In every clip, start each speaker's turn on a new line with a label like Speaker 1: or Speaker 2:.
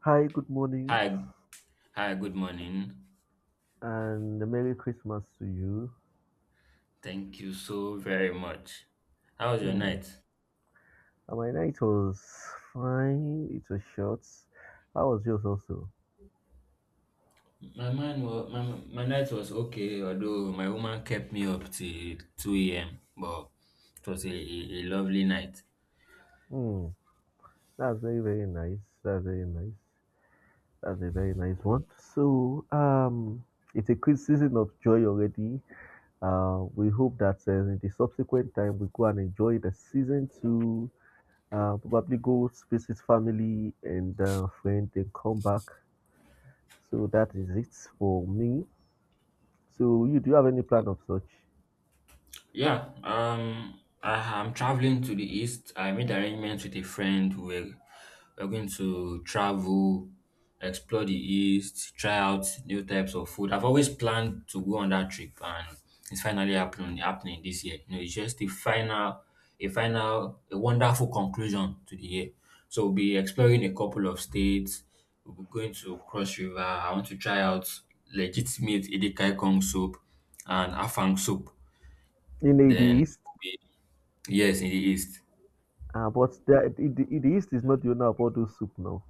Speaker 1: Hi, good morning,
Speaker 2: Hi, good morning.
Speaker 1: and a Merry Christmas to you.
Speaker 2: Thank you so very much. How was your
Speaker 1: Hmm.
Speaker 2: night?
Speaker 1: And my night was fine, it was short. How was yours also?
Speaker 2: My man was, my, my night was okay, although my woman kept me up till 2 a.m. But it was a lovely night.
Speaker 1: Hmm. That's very, very nice. That's very nice. That's a very nice one. So, it's a good season of joy already. We hope that in the subsequent time we go and enjoy the season to probably go visit family and friend and come back. So that is it for me. So, you do you have any plan of such?
Speaker 2: Yeah, um, I, I'm traveling to the east. I made arrangements with a friend. We're going to travel, explore the east, try out new types of food. I've always planned to go on that trip, and it's finally happening this year. You know, it's just a final, a wonderful conclusion to the year. So we'll be exploring a couple of states. We'll be going to Cross River. I want to try out legitimate Edikai Kong soup and Afang soup.
Speaker 1: In the
Speaker 2: Then
Speaker 1: east,
Speaker 2: we- yes, in the east.
Speaker 1: but they are, in the east is not the owner of all those soup now.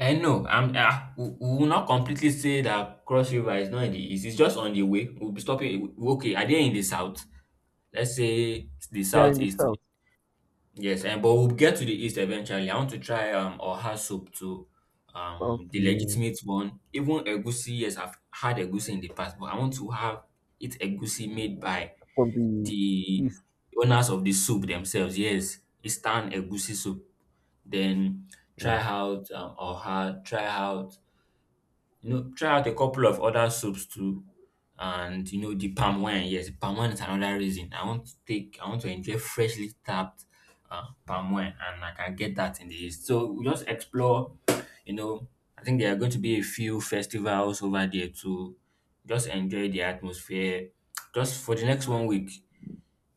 Speaker 2: I know. We will not completely say that Cross River is not in the east. It's just on the way. We'll be stopping. Okay, are they in the south? Let's say the
Speaker 1: They are in the
Speaker 2: southeast.
Speaker 1: south.
Speaker 2: Yes, and but we'll get to the east eventually. I want to try Oha soup too. The
Speaker 1: Okay,
Speaker 2: legitimate one. Even egusi. Yes, I've had egusi in the past, but I want to have it egusi made by
Speaker 1: from the
Speaker 2: the
Speaker 1: east.
Speaker 2: owners of the soup themselves. Yes, Eastern Egusi soup. Then try
Speaker 1: Mm,
Speaker 2: out oha, try out, you know, try out a couple of other soups too. And you know, the palm wine, yes, palm wine is another reason. I want to enjoy freshly tapped palm wine, and I can get that in the East. So we just explore, you know, I think there are going to be a few festivals over there too, just enjoy the atmosphere. Just for the next 1 week,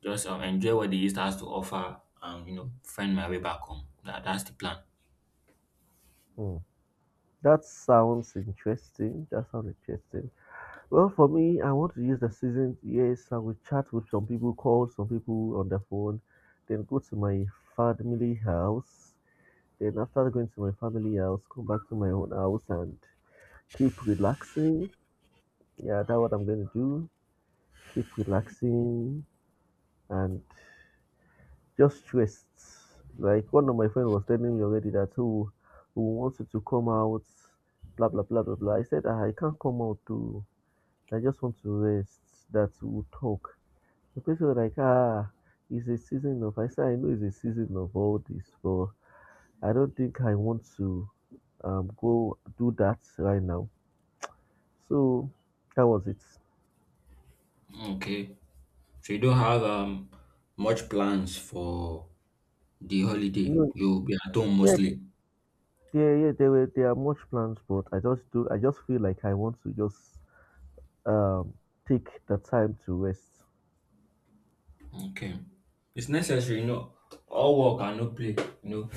Speaker 2: just enjoy what the East has to offer and, you know, find my way back home. That's the plan.
Speaker 1: mm. That sounds interesting. That sounds interesting. Well, for me, I want to use the season. Yes, I will chat with some people, call some people on the phone, then go to my family house. Then after going to my family house, come back to my own house and keep relaxing. Yeah, that's what I'm going to do. Keep relaxing and just rest. Like one of my friend was telling me already that who wanted to come out, blah blah blah blah blah. I said, "Ah, I can't come out too. I just want to rest. That we'll talk." The person was like, ah, it's a season of. I said I know it's a season of all this, but I don't think I want to go do that right now. So that was it.
Speaker 2: Okay. So you don't have much plans for the holiday.
Speaker 1: No,
Speaker 2: You'll be at home
Speaker 1: yeah,
Speaker 2: mostly.
Speaker 1: there, yeah, there are much plans, but I just do. I just feel like I want to just um take the time to rest.
Speaker 2: Okay. It's necessary, you know. All work and no play, you know,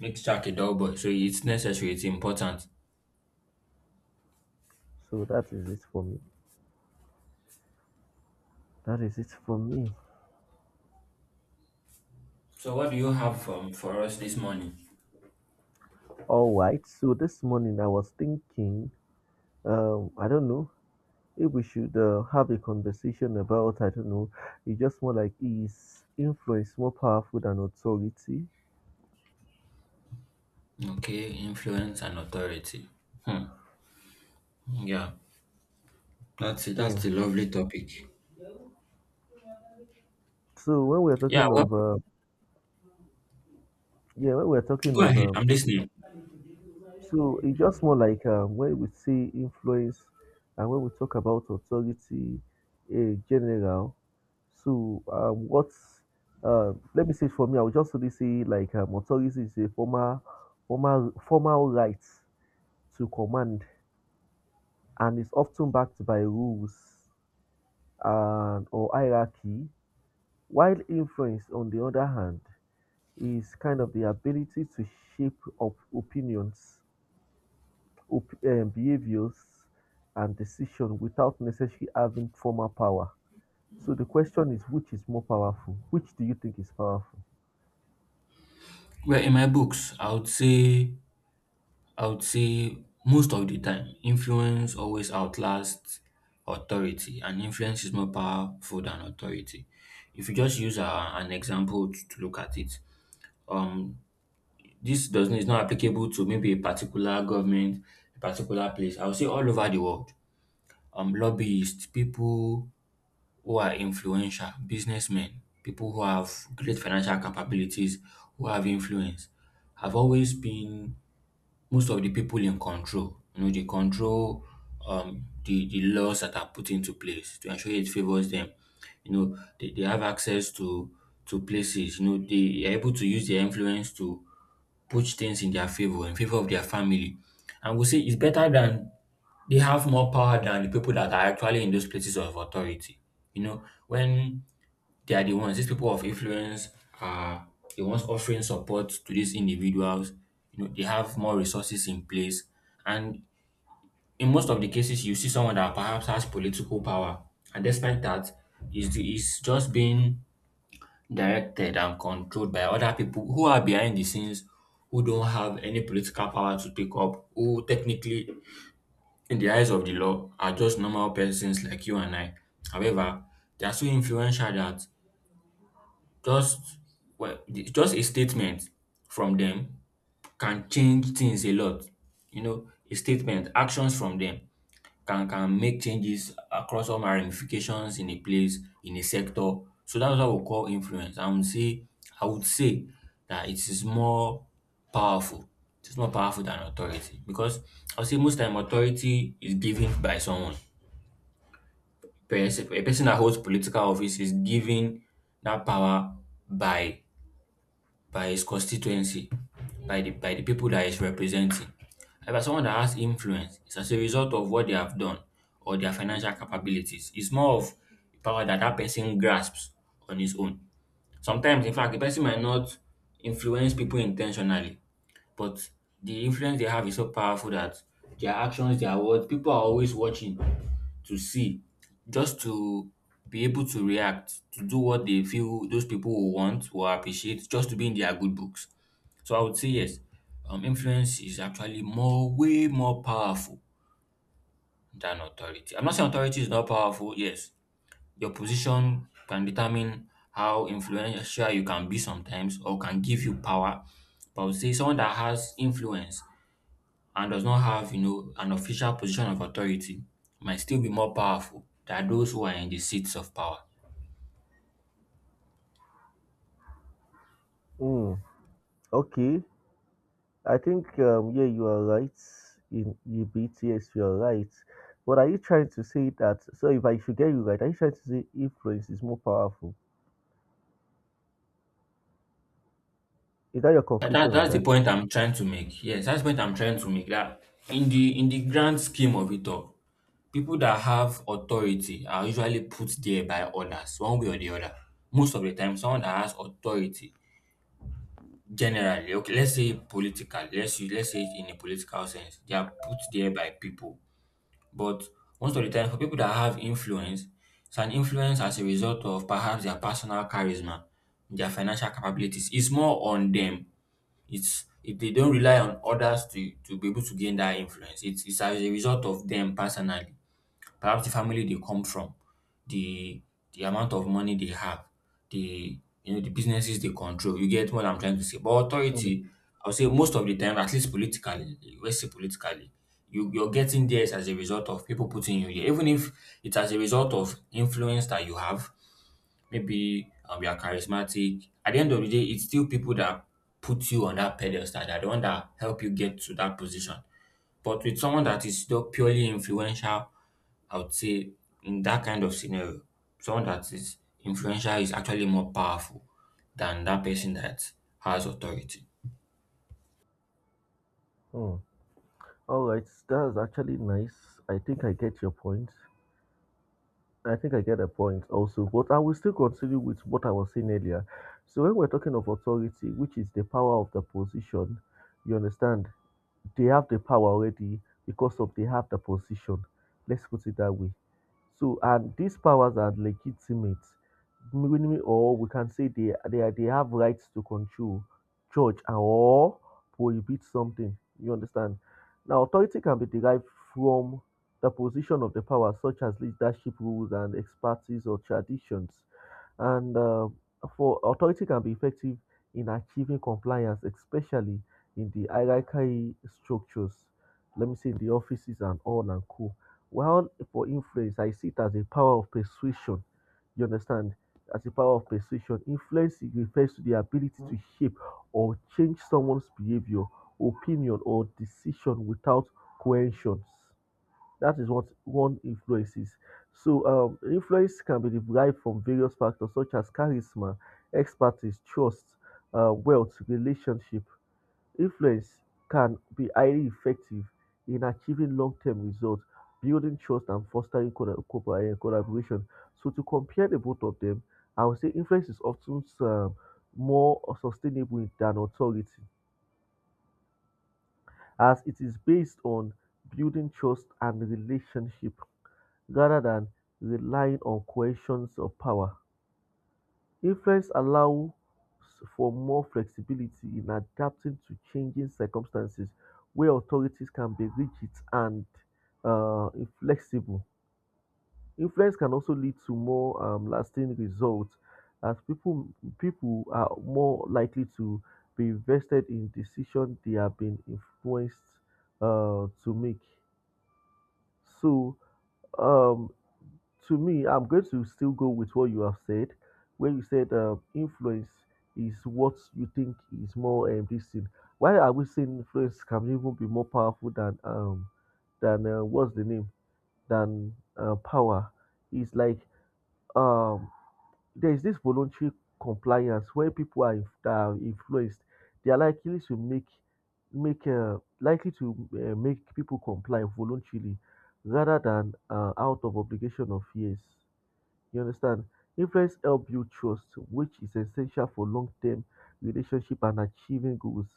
Speaker 2: makes Jack a dull boy. So it's necessary, it's important.
Speaker 1: So that is it for me. That is it for me.
Speaker 2: So what do you have for us this morning?
Speaker 1: All right. So this morning I was thinking, I don't know if we should have a conversation about, I don't know, it's just more like, is influence more powerful than authority?
Speaker 2: Okay, influence and authority. Hmm. Yeah. That's it. That's
Speaker 1: Mm.
Speaker 2: a lovely topic.
Speaker 1: So when we're
Speaker 2: Yeah,
Speaker 1: talking
Speaker 2: well,
Speaker 1: of, yeah, when we're talking
Speaker 2: go
Speaker 1: of
Speaker 2: ahead,
Speaker 1: um,
Speaker 2: I'm listening.
Speaker 1: so it's just more like when we see influence and when we talk about authority in general. So what's let me say, it for me, I would just really say like authority is a formal right to command and is often backed by rules and or hierarchy. While influence, on the other hand, is kind of the ability to shape opinions, behaviors and decision without necessarily having formal power. So the question is, which is more powerful? Which do you think is powerful?
Speaker 2: Well, in my books, I would say most of the time, influence always outlasts authority, and influence is more powerful than authority. If you just use an example to look at it, um, this doesn't is not applicable to maybe a particular government, a particular place. I would say all over the world lobbyists, people who are influential, businessmen, people who have great financial capabilities, who have influence, have always been most of the people in control. You know, they control the laws that are put into place to ensure it favors them. You know, they have access to places. You know, they are able to use their influence to push things in their favor, in favor of their family. And we say it's better than they have more power than the people that are actually in those places of authority. You know, when they are the ones, these people of influence are the ones offering support to these individuals. You know, they have more resources in place. And in most of the cases, you see someone that perhaps has political power. And despite that, is just being directed and controlled by other people who are behind the scenes who don't have any political power to take up, who technically in the eyes of the law are just normal persons like you and I. However, they are so influential that just just a statement from them can change things a lot. You know, a statement, actions from them can make changes across all my ramifications in a place, in a sector. So that's what we call influence. I would say that it is more powerful. It's more powerful than authority because I would say most time authority is given by someone person a person that holds political office is given that power by his constituency, by the people that he's representing. However, someone that has influence is as a result of what they have done or their financial capabilities. It's more of power that person grasps on his own. Sometimes, in fact, the person might not influence people intentionally, but the influence they have is so powerful that their actions, their words, people are always watching to see, just to be able to react, to do what they feel those people will want or appreciate, just to be in their good books. So I would say yes, influence is actually more, way more powerful than authority. I'm not saying authority is not powerful. Yes, your position can determine how influential you can be sometimes or can give you power. But I would say someone that has influence and does not have, you know, an official position of authority might still be more powerful than those who are in the seats of power.
Speaker 1: Mm, okay, I think yeah, you are right in your BTS. You are right. But are you trying to say that? So if I should get you right, are you trying to say influence is more powerful? Is that your conclusion on
Speaker 2: That's the
Speaker 1: that?
Speaker 2: point I'm trying to make. Yes, that's the point I'm trying to make. That in the grand scheme of it all, people that have authority are usually put there by others, one way or the other. Most of the time, someone that has authority, generally, okay, let's say politically, let's say it in a political sense, they are put there by people. But most of the time, for people that have influence, it's an influence as a result of perhaps their personal charisma, their financial capabilities. It's more on them. It's if they don't rely on others to be able to gain that influence. It's as a result of them personally, perhaps the family they come from, the the amount of money they have, the you know the businesses they control. You get what I'm trying to say. But authority,
Speaker 1: Mm.
Speaker 2: I would say most of the time, at least politically, let's say politically, you're getting there is as a result of people putting you here. Even if it's as a result of influence that you have, maybe you are charismatic. At the end of the day, it's still people that put you on that pedestal. That are the one that help you get to that position. But with someone that is just purely influential, I would say in that kind of scenario, someone that is influential is actually more powerful than that person that has authority.
Speaker 1: Mm. All right, that's actually nice. I think I get your point. I think I get a point also, but I will still continue with what I was saying earlier. So when we're talking of authority, which is the power of the position, you understand? They have the power already because of they have the position. Let's put it that way. So, and these powers are legitimate, meaning, or we can say they they have rights to control, judge, and or prohibit something. You understand? Now, authority can be derived from the position of the power, such as leadership rules and expertise or traditions. And for authority can be effective in achieving compliance, especially in the hierarchy structures. Let me say the offices and all and co. While for influence, I see it as a power of persuasion. You understand? As a power of persuasion, influence refers to the ability to shape or change someone's behavior, opinion, or decision without coercions. That is what one influence is. So, influence can be derived from various factors such as charisma, expertise, trust, wealth, relationship. Influence can be highly effective in achieving long-term results, building trust, and fostering collaboration. So, to compare the both of them, I would say influence is often more sustainable than authority as it is based on building trust and relationship rather than relying on coercions of power. Influence allows for more flexibility in adapting to changing circumstances where authorities can be rigid and inflexible. Influence can also lead to more lasting results as people are more likely to be invested in decisions they have been influenced to make. So, um, to me, I'm going to still go with what you have said, where you said influence is what you think is more this thing. Why are we saying influence can even be more powerful than what's the name, than power? It's like um there is this voluntary compliance where people are, that are influenced. They are likely to make make likely to make people comply voluntarily rather than out of obligation or fears. You understand? Influence help you trust, which is essential for long-term relationship and achieving goals.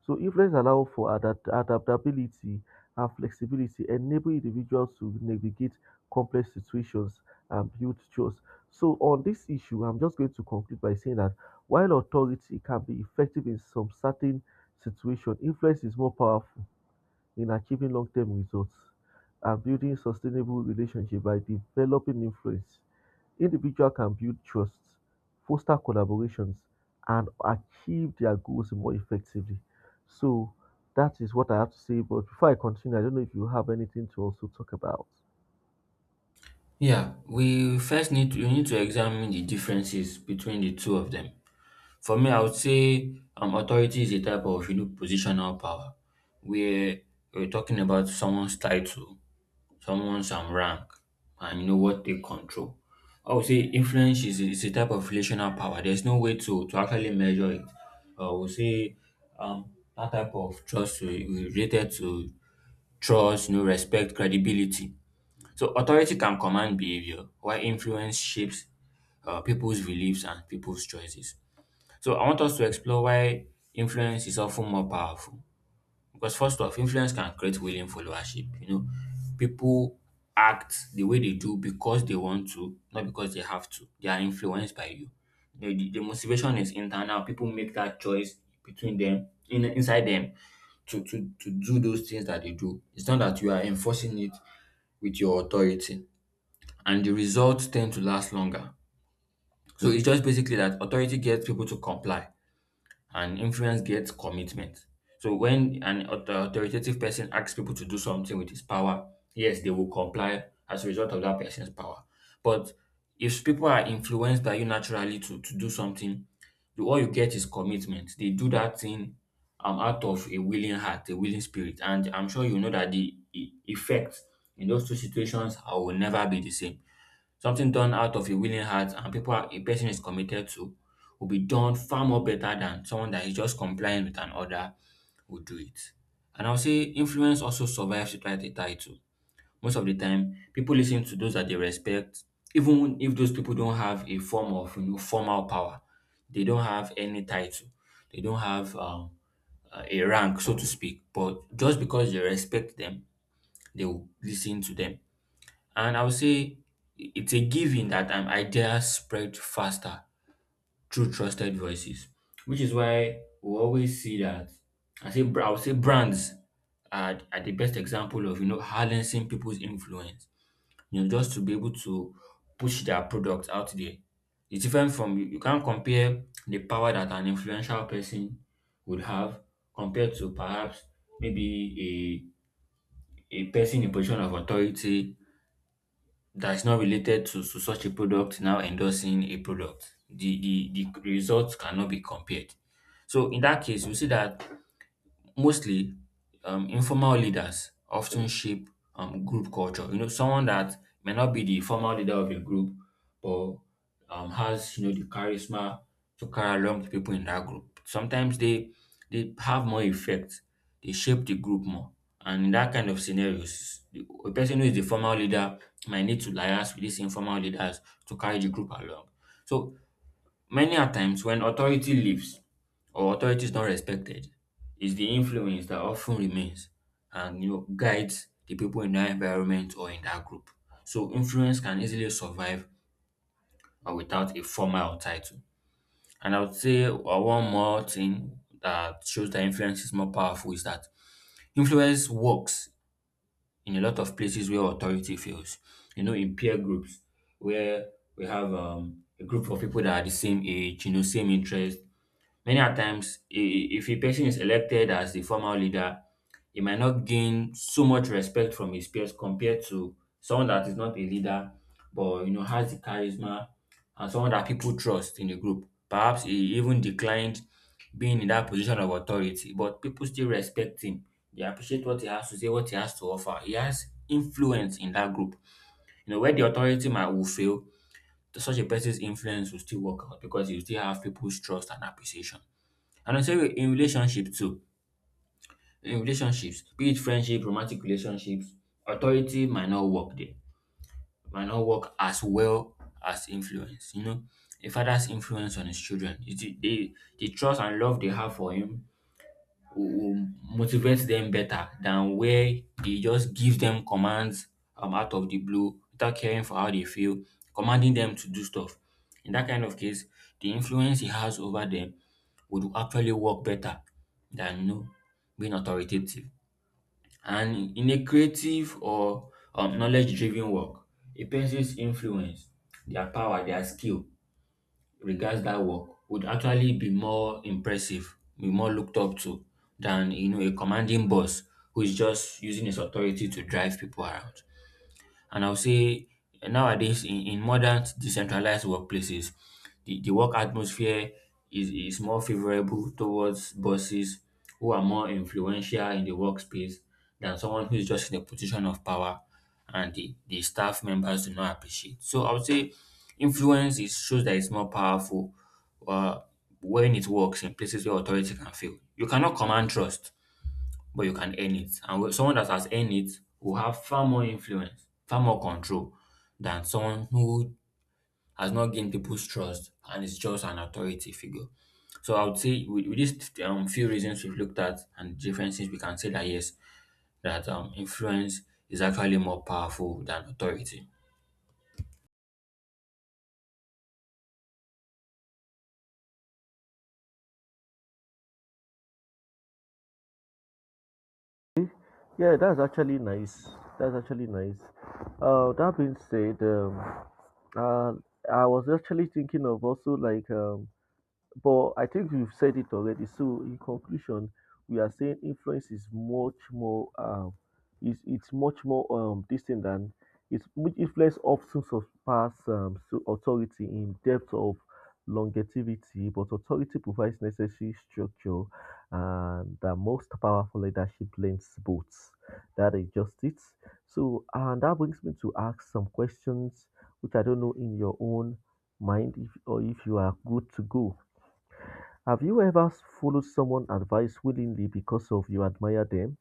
Speaker 1: So influence allow for adaptability and flexibility, enable individuals to navigate complex situations and build trust. So on this issue, I'm just going to conclude by saying that while authority can be effective in some certain situation, influence is more powerful in achieving long-term results and building sustainable relationships. By developing influence, individual can build trust, foster collaborations, and achieve their goals more effectively. So that is what I have to say. But before I continue, I don't know if you have anything to also talk about.
Speaker 2: Yeah, we first need to, we need to examine the differences between the two of them. For me, I would say authority is a type of you know positional power where we're talking about someone's title someone some rank and you know what they control. I would say is a type of relational power. There's no way to actually measure it. I would say um, that type of trust we related to trust, you know, respect, credibility. So authority can command behavior, while influence shapes people's beliefs and people's choices. So I want us to explore why influence is often more powerful because first off, influence can create willing followership. You know, people act the way they do because they want to, not because they have to. They are influenced by you. The motivation is internal. People make that choice between them, in, inside them, to do those things that they do. It's not that you are enforcing it with your authority. And the results tend to last longer. So it's just basically that authority gets people to comply and influence gets commitment. So when an authoritative person asks people to do something with his power, yes, they will comply as a result of that person's power. But if people are influenced by you naturally to do something, all you get is commitment. They do that thing out of a willing heart, a willing spirit. And I'm sure you know that the effects in those two situations are, will never be the same. Something done out of a willing heart and people are, a person is committed to will be done far more better than someone that is just complying with an order would do it. And I'll say influence also survives without a title. Most of the time, people listen to those that they respect, even if those people don't have a form of you know, formal power. They don't have any title. They don't have a rank, so to speak. But just because they respect them, they will listen to them and I would say it's a given that ideas spread faster through trusted voices, which is why we always see that. I would say brands are the best example of harnessing people's influence. Just to be able to push their products out there. It's different from you can't compare the power that an influential person would have compared to perhaps maybe a person in a position of authority that is not related to, such a product now endorsing a product. The result cannot be compared. So in that case, we see that mostly informal leaders often shape group culture. You know, someone that may not be the formal leader of a group, but has the charisma to carry along the people in that group. Sometimes they have more effect. They shape the group more, and in that kind of scenarios, a person who is the formal leader might need to liaise with these informal leaders to carry the group along. So many a times when authority leaves or authority is not respected, it's the influence that often remains and guides the people in that environment or in that group. So influence can easily survive without a formal title. And I would say one more thing that shows that influence is more powerful is that influence works in a lot of places where authority fails. You know, in peer groups where we have a group of people that are the same age, you know, same interest. Many a times, if a person is elected as the formal leader, he might not gain so much respect from his peers compared to someone that is not a leader, but has the charisma and someone that people trust in the group. Perhaps he even declined being in that position of authority, but people still respect him. They appreciate what he has to say, what he has to offer. He has influence in that group. You know, where the authority might will fail, such a person's influence will still work out because you still have people's trust and appreciation. And also in relationship too. In relationships, be it friendship, romantic relationships, authority might not work there, might not work as well as influence. You know, a father's influence on his children, is the trust and love they have for him will motivate them better than where they just give them commands out of the blue without caring for how they feel, commanding them to do stuff. In that kind of case, the influence he has over them would actually work better than being authoritative. And in a creative or knowledge driven work, a person's influence, their power, their skill regards that work would actually be more impressive, be more looked up to than a commanding boss who is just using his authority to drive people around. And I'll say nowadays in modern decentralized workplaces, the work atmosphere is more favorable towards bosses who are more influential in the workspace than someone who is just in a position of power and the staff members do not appreciate. So I would say influence is shows that it's more powerful uh, when it works in places where authority can fail. You cannot command trust but you can earn it. And someone that has earned it will have far more influence, far more control than someone who has not gained people's trust and is just an authority figure. So I would say with these few reasons we've looked at and differences, we can say that yes, that influence is actually more powerful than authority.
Speaker 1: Okay. Yeah, that's actually nice. That's actually nice. Uh, that being said, um, uh, I was actually thinking of also like but I think you've said it already. So in conclusion, we are saying influence is much more distant than, it's much, influence often surpass so authority in depth of longevity, but authority provides necessary structure and the most powerful leadership blends both. That is just it. So and that brings me to ask some questions which I don't know in your own mind if, or if you are good to go. Have you ever followed someone advice willingly because of you admire them?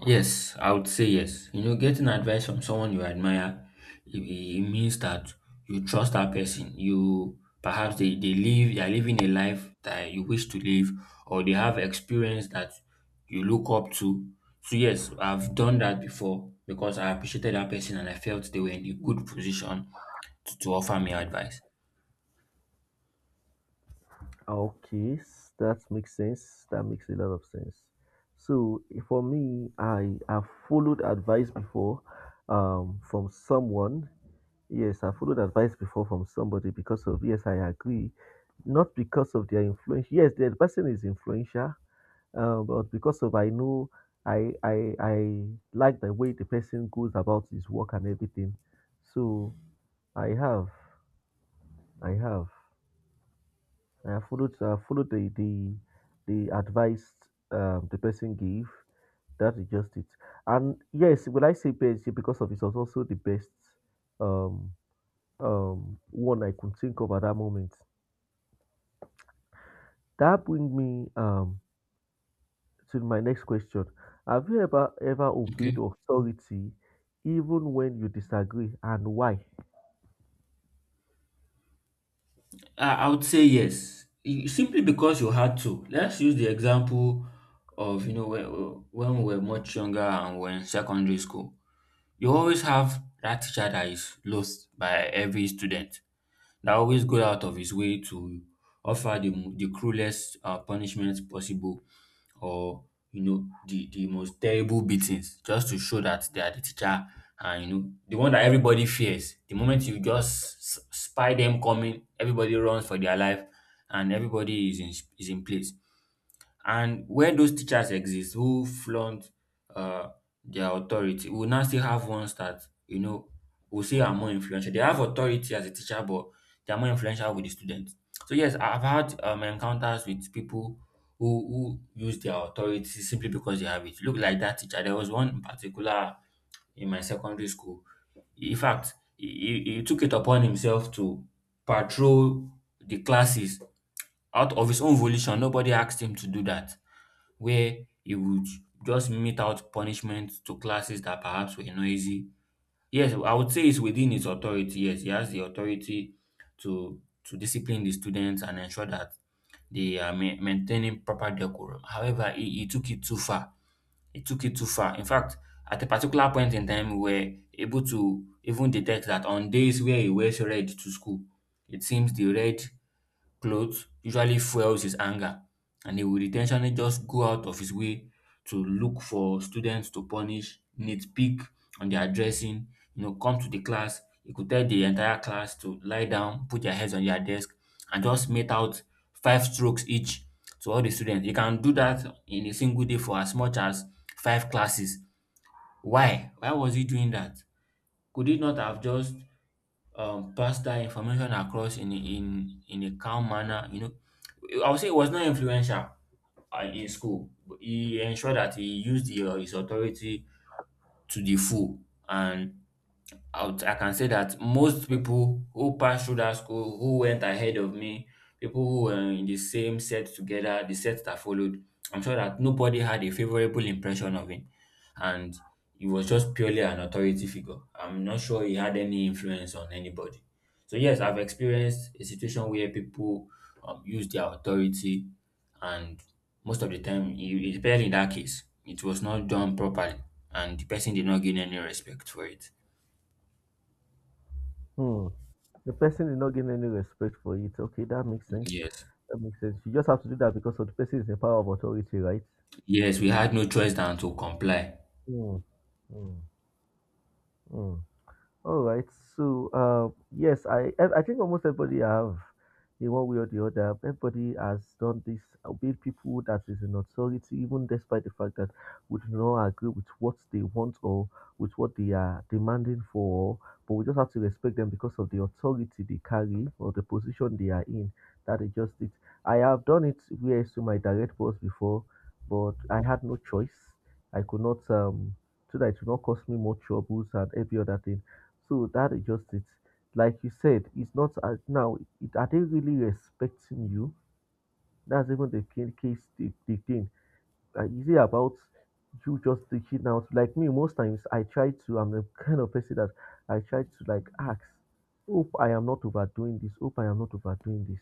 Speaker 2: Yes, I would say yes. You know, getting advice from someone you admire, it means that you trust that person. You perhaps they are living a life that you wish to live, or they have experience that you look up to. So yes, I've done that before because I appreciated that person and I felt they were in a good position to, offer me advice.
Speaker 1: Okay, that makes sense. That makes a lot of sense. So eh, for me, I have followed advice before from someone. Yes, I followed advice before from somebody because of, yes, I agree. Not because of their influence. Yes, the person is influential, but because of I know I like the way the person goes about his work and everything. So I have, I have, I have followed the advice the person gave. That is just it. And yes, when I say PSG because of it was also the best um, one I could think of at that moment. That brings me to my next question. Have you ever
Speaker 2: Okay.
Speaker 1: obeyed authority even when you disagree, and why?
Speaker 2: I would say yes. Simply because you had to. Let's use the example of, you know, when we were much younger and we are in secondary school. You always have that teacher that is lost by every student, that always goes out of his way to offer the cruelest punishment possible or you know the most terrible beatings just to show that they are the teacher and you know the one that everybody fears the moment you just spy them coming everybody runs for their life and everybody is in place and where those teachers exist who flaunt uh, their authority, we will now still have ones that, you know, we'll say are more influential. They have authority as a teacher, but they are more influential with the students. So, yes, I've had encounters with people who, use their authority simply because they have it. Look like that teacher. There was one in particular in my secondary school. In fact, he took it upon himself to patrol the classes out of his own volition. Nobody asked him to do that where he would just mete out punishment to classes that perhaps were noisy. Yes, I would say it's within his authority. Yes, he has the authority to discipline the students and ensure that they are maintaining proper decorum. However, he took it too far. He took it too far. In fact, at a particular point in time, we were able to even detect that on days where he wears red to school, it seems the red clothes usually fuels his anger, and he would intentionally just go out of his way to look for students to punish, nitpick on their dressing, you know, come to the class. He could tell the entire class to lie down, put their heads on their desk, and just mete out five strokes each to all the students. He can do that in a single day for as much as five classes. Why? Why was he doing that? Could he not have just passed that information across in in a calm manner? You know, I would say he was not influential in school. He ensured that he used his authority to the full, and I can say that most people who passed through that school, who went ahead of me, people who were in the same set together, the set that followed, I'm sure that nobody had a favorable impression of him. And he was just purely an authority figure. I'm not sure he had any influence on anybody. So, yes, I've experienced a situation where people use their authority, and most of the time, especially in that case, it was not done properly, and the person did not gain any respect for it.
Speaker 1: Hmm. The person is not getting any respect for it. Okay, that makes sense.
Speaker 2: Yes.
Speaker 1: That makes sense. You just have to do that because of the person is in power of authority, right?
Speaker 2: Yes, we had no choice than to comply.
Speaker 1: Mm, mm, mm. All right. So, yes, I think almost everybody have, in one way or the other, everybody has done this. Be it people that is in authority, even despite the fact that we do not agree with what they want or with what they are demanding for, but we just have to respect them because of the authority they carry or the position they are in. That is just it. I have done it where to my direct boss before, but I had no choice. I could not so that it would not cause me more troubles and every other thing. So that is just it. Like you said, it's not as now. It, are they really respecting you? That's even the case. The thing. Is it about you just reaching out? Like me, most times I try to. I'm the kind of person that I try to like ask. Hope I am not overdoing this. Hope I am not overdoing this.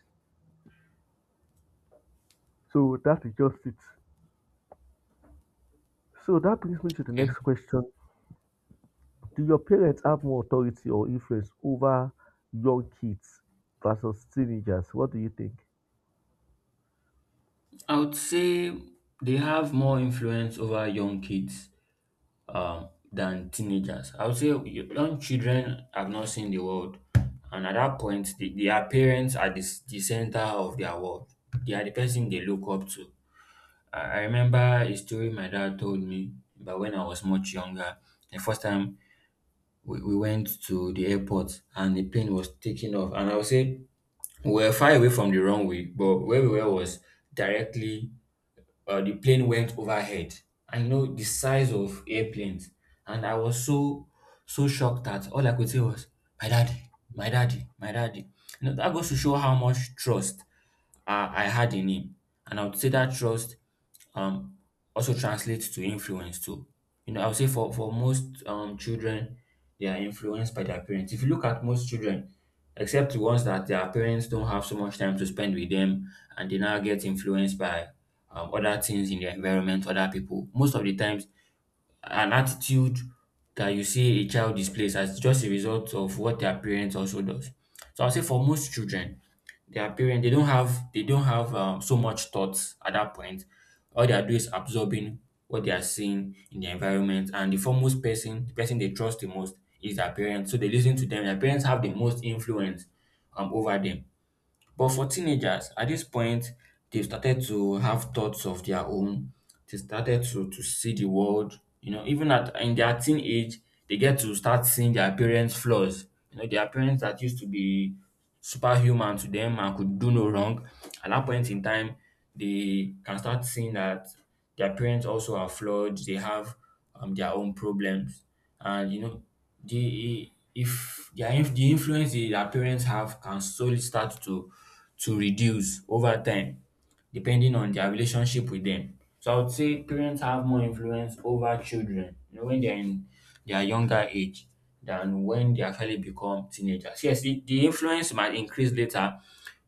Speaker 1: So that is just it. So that brings me to the
Speaker 2: Okay.
Speaker 1: next question. Do your parents have more authority or influence over young kids versus teenagers? What do you think?
Speaker 2: I would say they have more influence over young kids than teenagers. I would say young children have not seen the world, and at that point, the, their parents are the center of their world. They are the person they look up to. I remember a story my dad told me about when I was much younger. The first time we went to the airport and the plane was taking off, and I would say we were far away from the runway, but where we were was directly, the plane went overhead. I know the size of airplanes. And I was so, so shocked that all I could say was, my daddy, my daddy, my daddy. You know, that goes to show how much trust I had in him. And I would say that trust um also translates to influence too. You know, I would say for most children, they are influenced by their parents. If you look at most children, except the ones that their parents don't have so much time to spend with them, and they now get influenced by other things in their environment, other people. Most of the times, an attitude that you see a child displays as just a result of what their parents also does. So I'll say for most children, their parents they don't have so much thoughts at that point. All they are doing is absorbing what they are seeing in their environment, and the foremost person, the person they trust the most, is their parents. So they listen to them. Their parents have the most influence over them. But for teenagers, at this point, they've started to have thoughts of their own. They started to, see the world. You know, even at in their teen age, they get to start seeing their parents' flaws. You know, their parents that used to be superhuman to them and could do no wrong. At that point in time, they can start seeing that their parents also are flawed. They have their own problems, and you know, the if the inf the influence that their parents have can slowly start to reduce over time depending on their relationship with them. So I would say parents have more influence over children, you know, when they're in their younger age than when they actually become teenagers. Yes, the influence might increase later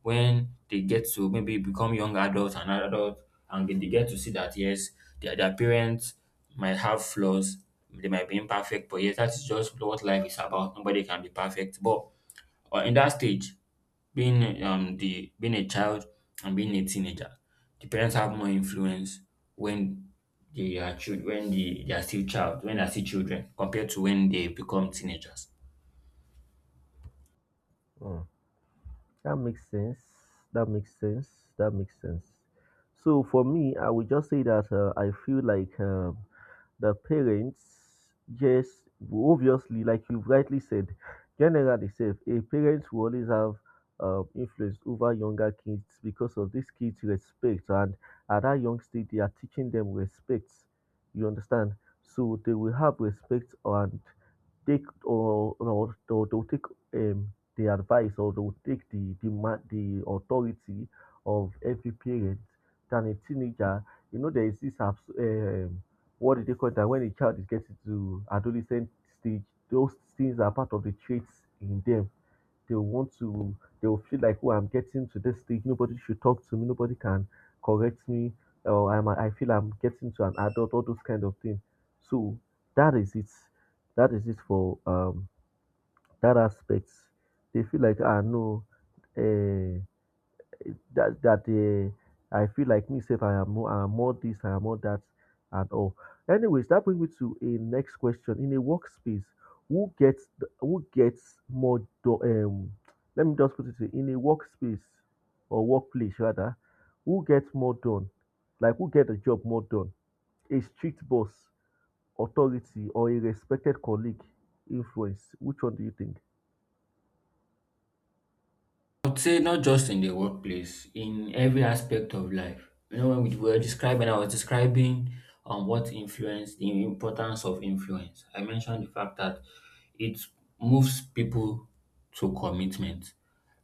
Speaker 2: when they get to maybe become young adults and adults, and they get to see that yes, their parents might have flaws, they might be imperfect, but yes, that's just what life is about. Nobody can be perfect. But in that stage, being a child and being a teenager, the parents have more influence when they are children when they are still child when they are still children compared to when they become teenagers.
Speaker 1: Hmm. That makes sense. That makes sense. That makes sense. So for me, I would just say that I feel like the parents just obviously, like you rightly said, generally safe. A parent will always have influence over younger kids because of this kids' respect, and at that young stage, they are teaching them respect. You understand? So they will have respect and take or to take the advice or to take the the authority of every parent than a teenager. You know, there is this um, what do they call that when a child is getting to adolescent stage, those things are part of the traits in them. They'll want to they'll feel like, oh, I'm getting to this stage, nobody should talk to me, nobody can correct me, or I feel I'm getting to an adult, all those kind of things. So that is it. That is it for that aspect. They feel like, ah, no, eh, that that I feel like me safe. I am more this, I am more that, and all. Anyways, that brings me to a next question. In a workspace, who gets more? Let me just put it in a workspace or workplace rather, who gets more done? Like who get the job more done? A strict boss, authority, or a respected colleague? Influence. Which one do you think?
Speaker 2: I would say not just in the workplace, in every aspect of life. You know, when we were describing, I was describing what influence, the importance of influence. I mentioned the fact that it moves people to commitment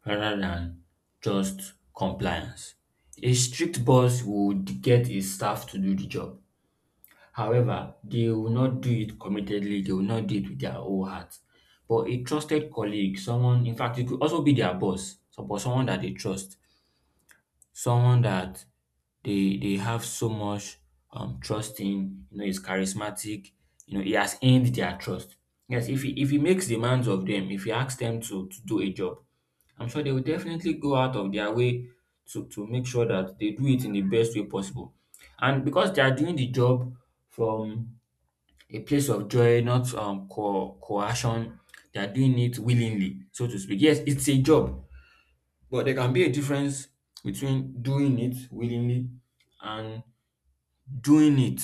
Speaker 2: rather than just compliance. A strict boss would get his staff to do the job. However, they will not do it committedly, they will not do it with their whole heart. But a trusted colleague, someone, in fact, it could also be their boss, so- but someone that they trust, someone that they have so much trust in, you know, is charismatic, you know, he has earned their trust. Yes, if he makes demands of them, if he asks them to do a job, I'm sure they will definitely go out of their way to make sure that they do it in the best way possible. And because they are doing the job from a place of joy, not coercion. They are doing it willingly, so to speak. Yes, it's a job, but there can be a difference between doing it willingly and doing it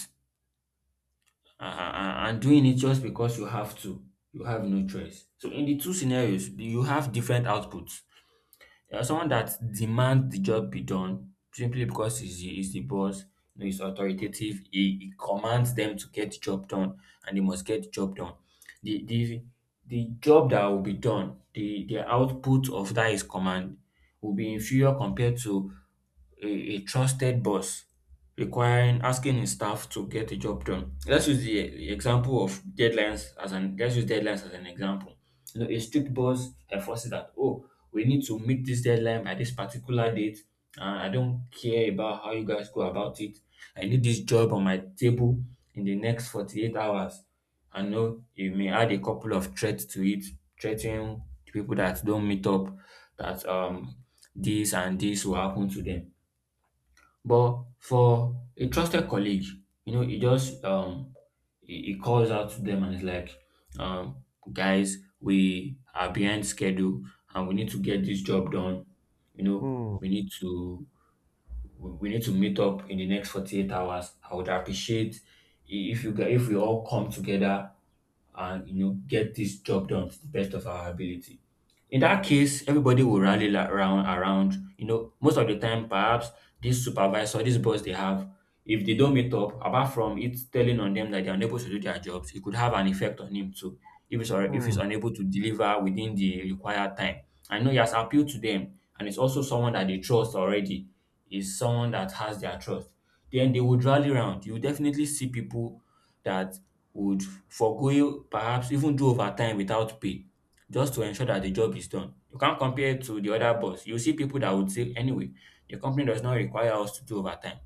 Speaker 2: just because you have to. You have no choice. So in the two scenarios, you have different outputs. There are someone that demand the job be done simply because he's the boss, you know, he's authoritative, he commands them to get the job done and they must get the job done. The, the, the job that will be done, the output of that his command will be inferior compared to a, a trusted boss requiring asking his staff to get the job done. Let's use the example of deadlines as an Let's use deadlines as an example. You know, a strict boss enforces that, oh, we need to meet this deadline by this particular date, and I don't care about how you guys go about it. I need this job on my table in the next 48 hours. I know you may add a couple of threats to it, threatening people that don't meet up that this and this will happen to them. But for a trusted colleague, you know, he it calls out to them and it's like, um, guys, we are behind schedule and we need to get this job done. You know,
Speaker 1: Hmm.
Speaker 2: we need to we need to meet up in the next 48 hours. I would appreciate I- if you gu- if we all come together and you know get this job done to the best of our ability. In that case, everybody will rally around. You know, most of the time, perhaps this supervisor, this boss they have, if they don't meet up, apart from it telling on them that they're unable to do their jobs, it could have an effect on him too. If if he's
Speaker 1: Hmm.
Speaker 2: unable to deliver within the required time, I know he has appealed to them, and it's also someone that they trust already. Is someone that has their trust. Then they would rally around. You definitely see people that would forgo, perhaps even do overtime without pay, just to ensure that the job is done. You can't compare it to the other boss. You see people that would say, anyway, the company does not require us to do overtime.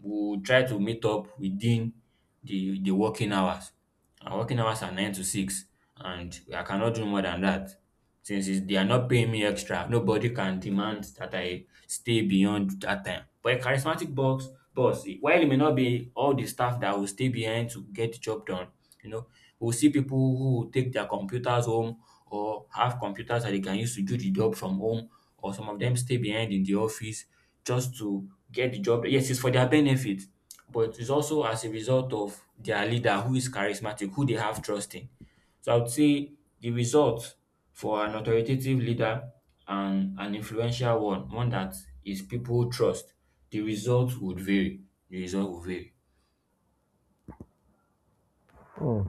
Speaker 2: We'll try to meet up within the working hours. Our working hours are nine to six, and I cannot do more than that. Since it's, they are not paying me extra, nobody can demand that I stay beyond that time. But a charismatic boss, while it may not be all the staff that will stay behind to get the job done, you know, we'll see people who will take their computers home or have computers that they can use to do the job from home, or some of them stay behind in the office just to get the job. Yes, it's for their benefit, but it's also as a result of their leader who is charismatic, who they have trust in. So I would say the result for an authoritative leader and an influential one, one that is people trust, the result would vary. The result would vary.
Speaker 1: Hmm.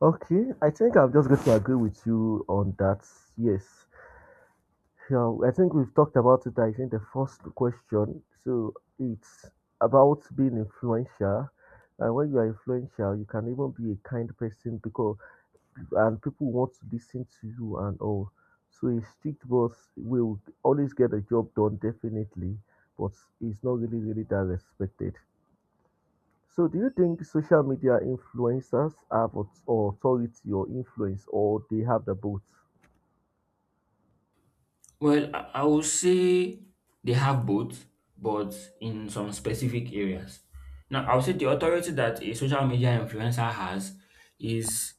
Speaker 1: Okay, I think I'm just going to agree with you on that. Yes. So I think we've talked about it, I think, the first question. So it's about being influential. And when you are influential, you can even be a kind person because and people want to listen to you and all. So a strict boss will always get the job done, definitely, but it's not really, really that respected. So, do you think social media influencers have authority or influence, or they have the both?
Speaker 2: Well, I would say they have both, but in some specific areas. Now, I would say the authority that a social media influencer has is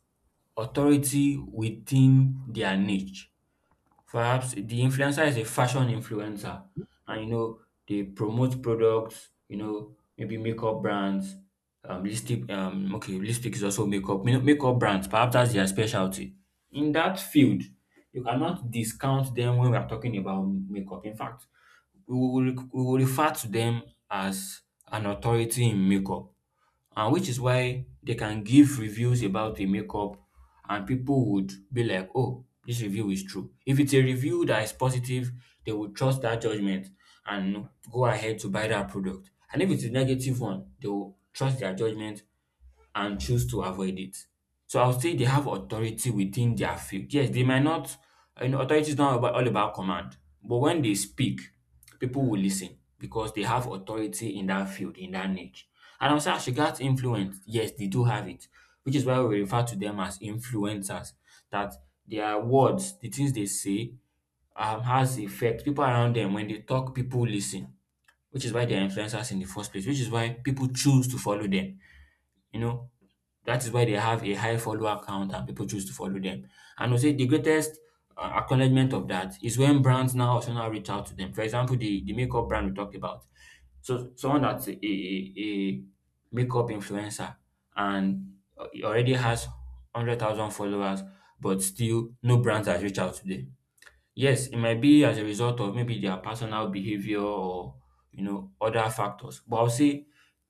Speaker 2: authority within their niche. Perhaps the influencer is a fashion influencer, and you know they promote products, you know, maybe makeup brands, lipstick okay, lipstick is also makeup, you know, makeup brands, perhaps that's their specialty. In that field, you cannot discount them when we are talking about makeup. In fact, we will refer to them as an authority in makeup, and which is why they can give reviews about a makeup, and people would be like, oh, this review is true. If it's a review that is positive, they will trust that judgment and go ahead to buy that product. And if it's a negative one, they will trust their judgment and choose to avoid it. So I'll say they have authority within their field. Yes, they might not, you know, authority is not about, all about command, but when they speak, people will listen because they have authority in that field, in that niche. And also, as regards influence, yes, they do have it, which is why we refer to them as influencers, that their words, the things they say, has effect. People around them, when they talk, people listen, which is why they're influencers in the first place, which is why people choose to follow them. You know, that is why they have a high follower count and people choose to follow them. And I'll say the greatest acknowledgement of that is when brands now also now reach out to them. For example, the makeup brand we talked about. So someone that's a makeup influencer and he already has 100,000 followers, but still no brands has reached out to them. Yes, it might be as a result of maybe their personal behavior or, you know, other factors. But I'll say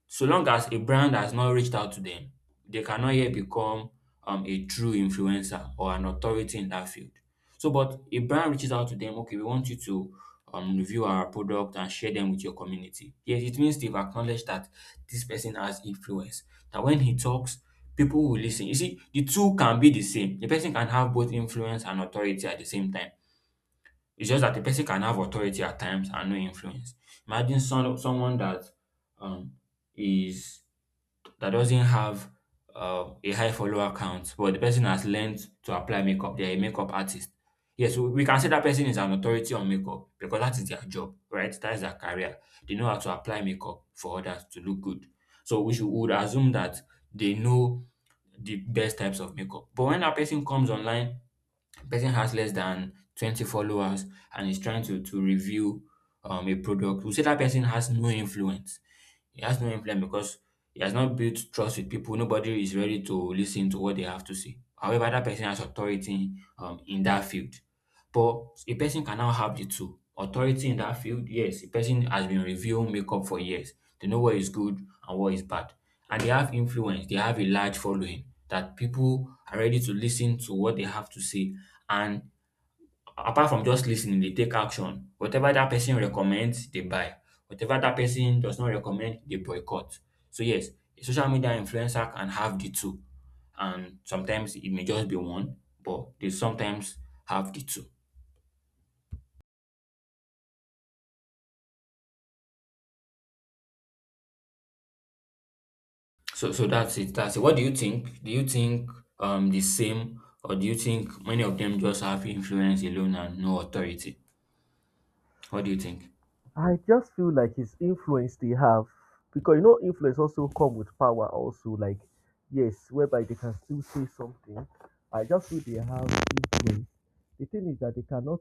Speaker 2: so long as a brand has not reached out to them, they cannot yet become a true influencer or an authority in that field. So, but a brand reaches out to them, okay, we want you to review our product and share them with your community. Yes, it means they've acknowledged that this person has influence, that when he talks, people will listen. You see, the two can be the same. The person can have both influence and authority at the same time. It's just that the person can have authority at times and no influence. Imagine someone that um, is that doesn't have a high follower count, but the person has learned to apply makeup. They're a makeup artist. Yes, we can say that person is an authority on makeup because that is their job, right? That is their career. They know how to apply makeup for others to look good. So we should would assume that they know the best types of makeup. But when a person comes online, person has less than 20 followers and is trying to review a product, we say that person has no influence, he has no influence because he has not built trust with people. Nobody is ready to listen to what they have to say. However, that person has authority in that field. But a person can now have the two. Authority in that field, yes, a person has been reviewing makeup for years. They know what is good and what is bad. And they have influence, they have a large following that people are ready to listen to what they have to say. And apart from just listening, they take action. Whatever that person recommends, they buy. Whatever that person does not recommend, they boycott. So yes, a social media influencer can have the two, and sometimes it may just be one, but they sometimes have the two. So that's it. That's it. What do you think? Do you think the same, or do you think many of them just have influence alone and no authority? What do you think?
Speaker 1: I just feel like his influence they have, because you know influence also come with power also, like, yes, whereby they can still say something. I just feel they have influence. The thing is that they cannot,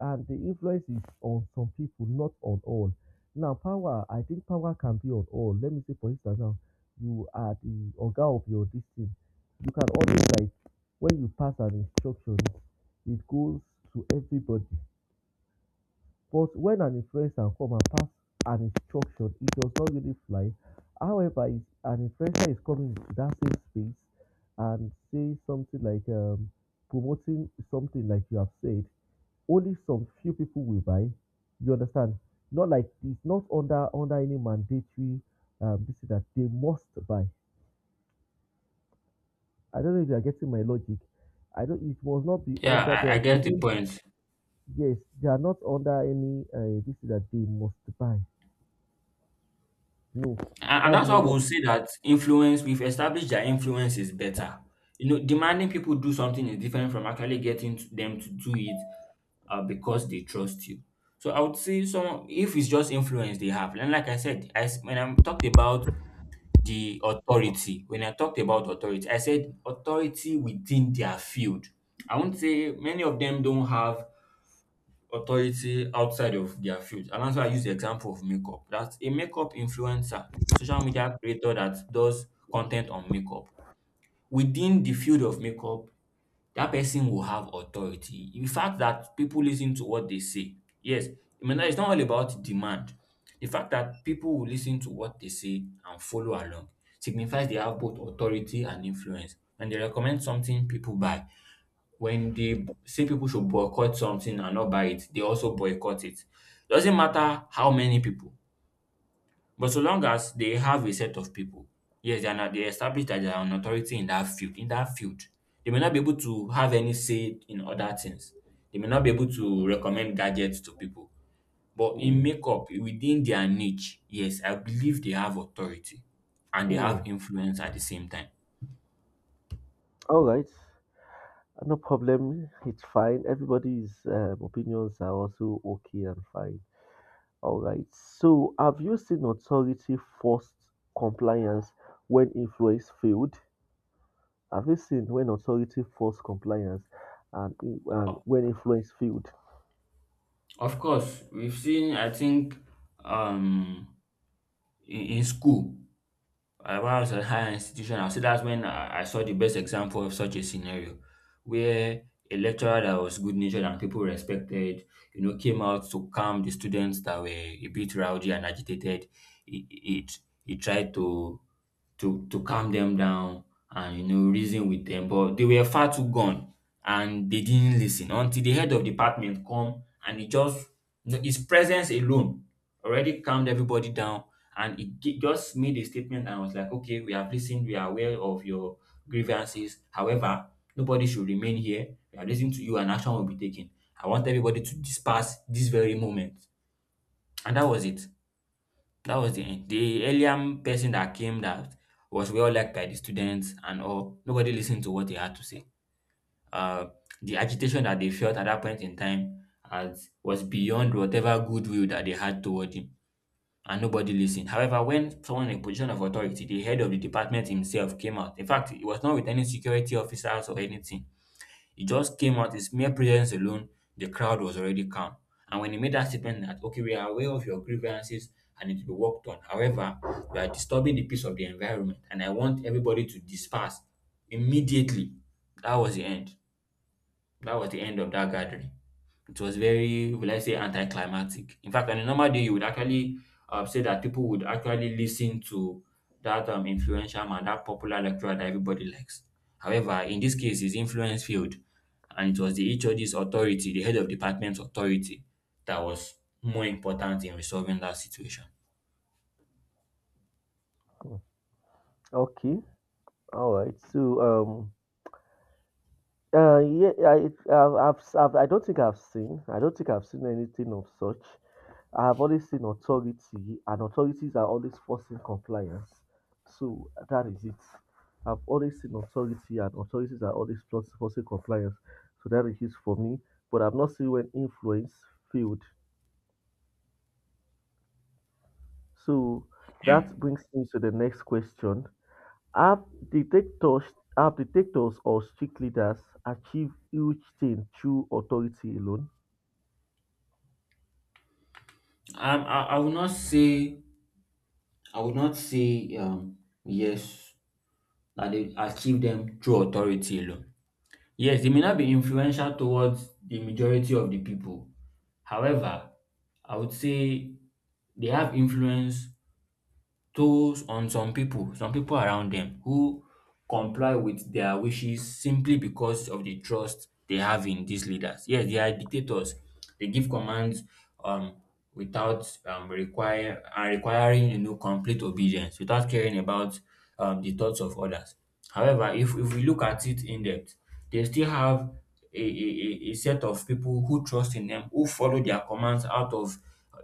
Speaker 1: and the influence is on some people, not on all. Now power, I think power can be on all. Let me say for instance now, you are the organ of your district. You can always like, when you pass an instruction, it goes to everybody, but when an influencer come and pass an instruction, it does not really fly. However, if an influencer is coming into that same space and say something like, promoting something like you have said, only some few people will buy. You understand? Not like, it's not under any mandatory this is that they must buy. I don't know if you are getting my logic. I don't. It must not be
Speaker 2: Yeah,
Speaker 1: under
Speaker 2: I
Speaker 1: their.
Speaker 2: get the point.
Speaker 1: Yes, they are not under any. This is that they must buy. No,
Speaker 2: And
Speaker 1: that's
Speaker 2: that's
Speaker 1: not
Speaker 2: why
Speaker 1: what.
Speaker 2: we'll say that influence, we've established that influence is better. You know, demanding people do something is different from actually getting to them to do it because they trust you. So I would say some if it's just influence they have. And like I said, when I talked about the authority, when I talked about authority, I said authority within their field. I won't say many of them don't have authority outside of their field. And that's why I use the example of makeup. That's a makeup influencer, social media creator that does content on makeup. Within the field of makeup, that person will have authority. The fact that people listen to what they say, yes, I mean, it's not all about demand. The fact that people will listen to what they say and follow along signifies they have both authority and influence. When they recommend something, people buy. When they say people should boycott something and not buy it, they also boycott it. Doesn't matter how many people, but so long as they have a set of people, yes, they are not, they establish that they are an authority in that field. In that field, they may not be able to have any say in other things. They may not be able to recommend gadgets to people, but in
Speaker 1: Mm,
Speaker 2: makeup within their niche, yes, I believe they have authority and they have
Speaker 1: mm.
Speaker 2: influence at the same time.
Speaker 1: All right, no problem. It's fine. Everybody's opinions are also okay and fine. All right. So, have you seen authority forced compliance when influence failed? Have you seen when authority forced compliance and, and when influence failed?
Speaker 2: Of course, we've seen, I think, um, in school, when I was at higher institution, I'll say that's when I saw the best example of such a scenario where a lecturer that was good natured and people respected, came out to calm the students that were a bit rowdy and agitated. He, he, he tried to calm them down and reason with them, but they were far too gone and they didn't listen until the head of department come, and he just, his presence alone, already calmed everybody down. And just made a statement and was like, okay, we have listened, we are aware of your grievances. However, nobody should remain here. We are listening to you, and action will be taken. I want everybody to disperse this very moment. And that was it. That was the end. The alien person that came, that was well liked by the students and all. Nobody listened to what he had to say. Uh, the agitation that they felt at that point in time as was beyond whatever goodwill that they had toward him, and nobody listened. However, when someone in a position of authority, the head of the department himself came out. In fact, it was not with any security officers or anything. He just came out, his mere presence alone, the crowd was already calm. And when he made that statement that, okay, we are aware of your grievances and it will be worked on. However, you are disturbing the peace of the environment, and I want everybody to disperse immediately. That was the end. That was the end of that gathering. It was very, will I say, anticlimactic. In fact, on a normal day, you would actually say that people would actually listen to that influential man, that popular lecturer that everybody likes. However, in this case, his influence failed, and it was the HOD's authority, the head of department's authority, that was more important in resolving that situation.
Speaker 1: Mm. Okay. All right. So, um, yeah, I don't think I've seen. I don't think I've seen anything of such. I have always seen authority, and authorities are always forcing compliance. So that is it. I've always seen authority, and authorities are always forcing compliance. So that is it for me. But I've not seen when influence failed. So
Speaker 2: Yeah.
Speaker 1: that brings me to the next question. Have detectors, have detectors or strict leaders achieve huge change through authority alone?
Speaker 2: I would not say I would not say um yes that they achieve them through authority alone. Yes, they may not be influential towards the majority of the people. However, I would say they have influence tolls on some people, around them who comply with their wishes simply because of the trust they have in these leaders. Yes, they are dictators. They give commands um, without require and requiring complete obedience, without caring about the thoughts of others. However, if we look at it in depth, they still have a set of people who trust in them, who follow their commands out of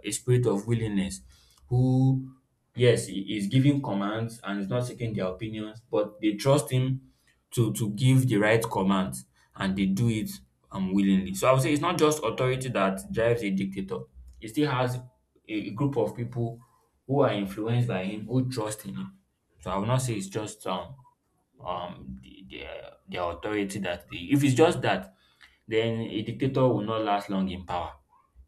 Speaker 2: a spirit of willingness. Who Yes, he is giving commands and he's not seeking their opinions, but they trust him to give the right commands, and they do it willingly. So I would say it's not just authority that drives a dictator. He still has a group of people who are influenced by him, who trust in him. So I would not say it's just the their authority if it's just that, then a dictator will not last long in power.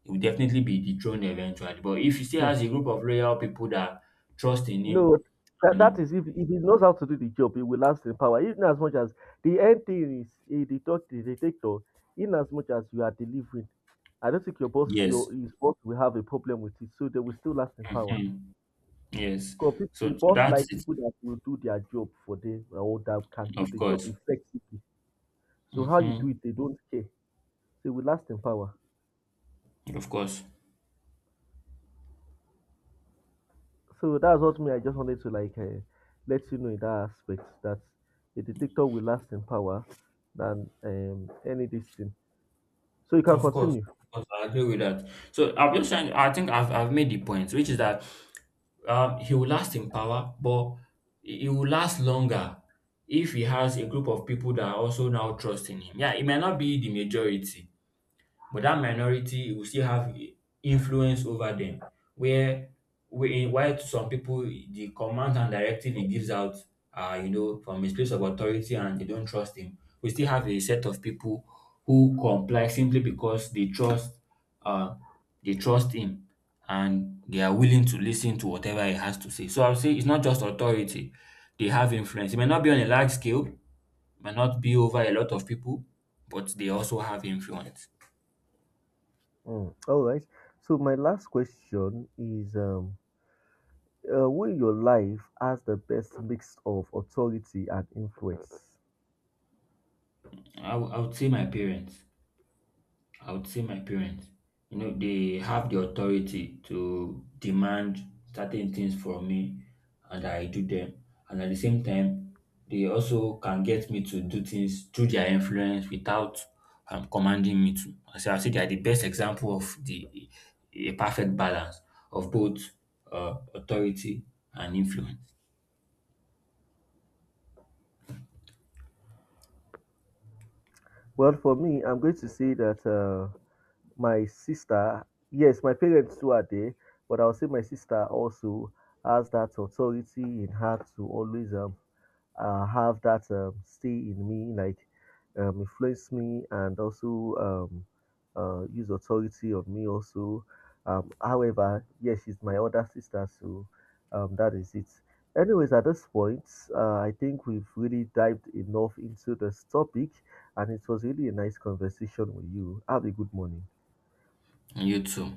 Speaker 2: He will definitely be dethroned eventually. But if he still
Speaker 1: Hmm.
Speaker 2: has a group of loyal people that trust in him,
Speaker 1: No,
Speaker 2: and
Speaker 1: that
Speaker 2: he-
Speaker 1: is if he knows how to do the job, he will last in power. In as much as the end thing is a detector, in as much as you are delivering, I don't think your boss,
Speaker 2: yes,
Speaker 1: your his boss will have a problem with it, so they will still last in power.
Speaker 2: mhm, yes.
Speaker 1: Because the
Speaker 2: So
Speaker 1: boss
Speaker 2: that's
Speaker 1: like
Speaker 2: it,
Speaker 1: people that will do their job for them or that can do
Speaker 2: of
Speaker 1: the job
Speaker 2: course.
Speaker 1: effectively. So how you do
Speaker 2: Hmm.
Speaker 1: it, they don't care. They will last in power.
Speaker 2: Of course.
Speaker 1: So that's what me. I just wanted to like let you know in that aspect that a dictator will last in power than any this thing. So you can
Speaker 2: Of course.
Speaker 1: continue.
Speaker 2: Of course. I agree with that. So I'm just trying, I think I've made the point, which is that he will last in power, but he will last longer if he has a group of people that also now trust in him. Yeah, it might not be the majority, but that minority will still have influence over them, where while to some people the command and directive he gives out from his place of authority, and they don't trust him, we still have a set of people who comply simply because uh they trust him, and they are willing to listen to whatever he has to say. So I'll say it's not just authority, they have influence. It may not be on a large scale, may not be over a lot of people, but they also have influence.
Speaker 1: Mm, all right. So my last question is, who in your life has the best mix of authority and influence?
Speaker 2: I would say my parents. I would say my parents. You know, they have the authority to demand certain things from me and I do them. And at the same time, they also can get me to do things through their influence without commanding me to. So I say they are the best example of the a perfect balance of both authority and influence.
Speaker 1: Well, for me, I'm going to say that. My sister, yes, my parents too are there, but I'll say my sister also has that authority in her to always have that stay in me, like, influence me, and also, um, use authority on me also. However, yes, she's my older sister, so that is it. Anyways, at this point, I think we've really dived enough into this topic, and it was really a nice conversation with you. Have a good morning.
Speaker 2: And you too.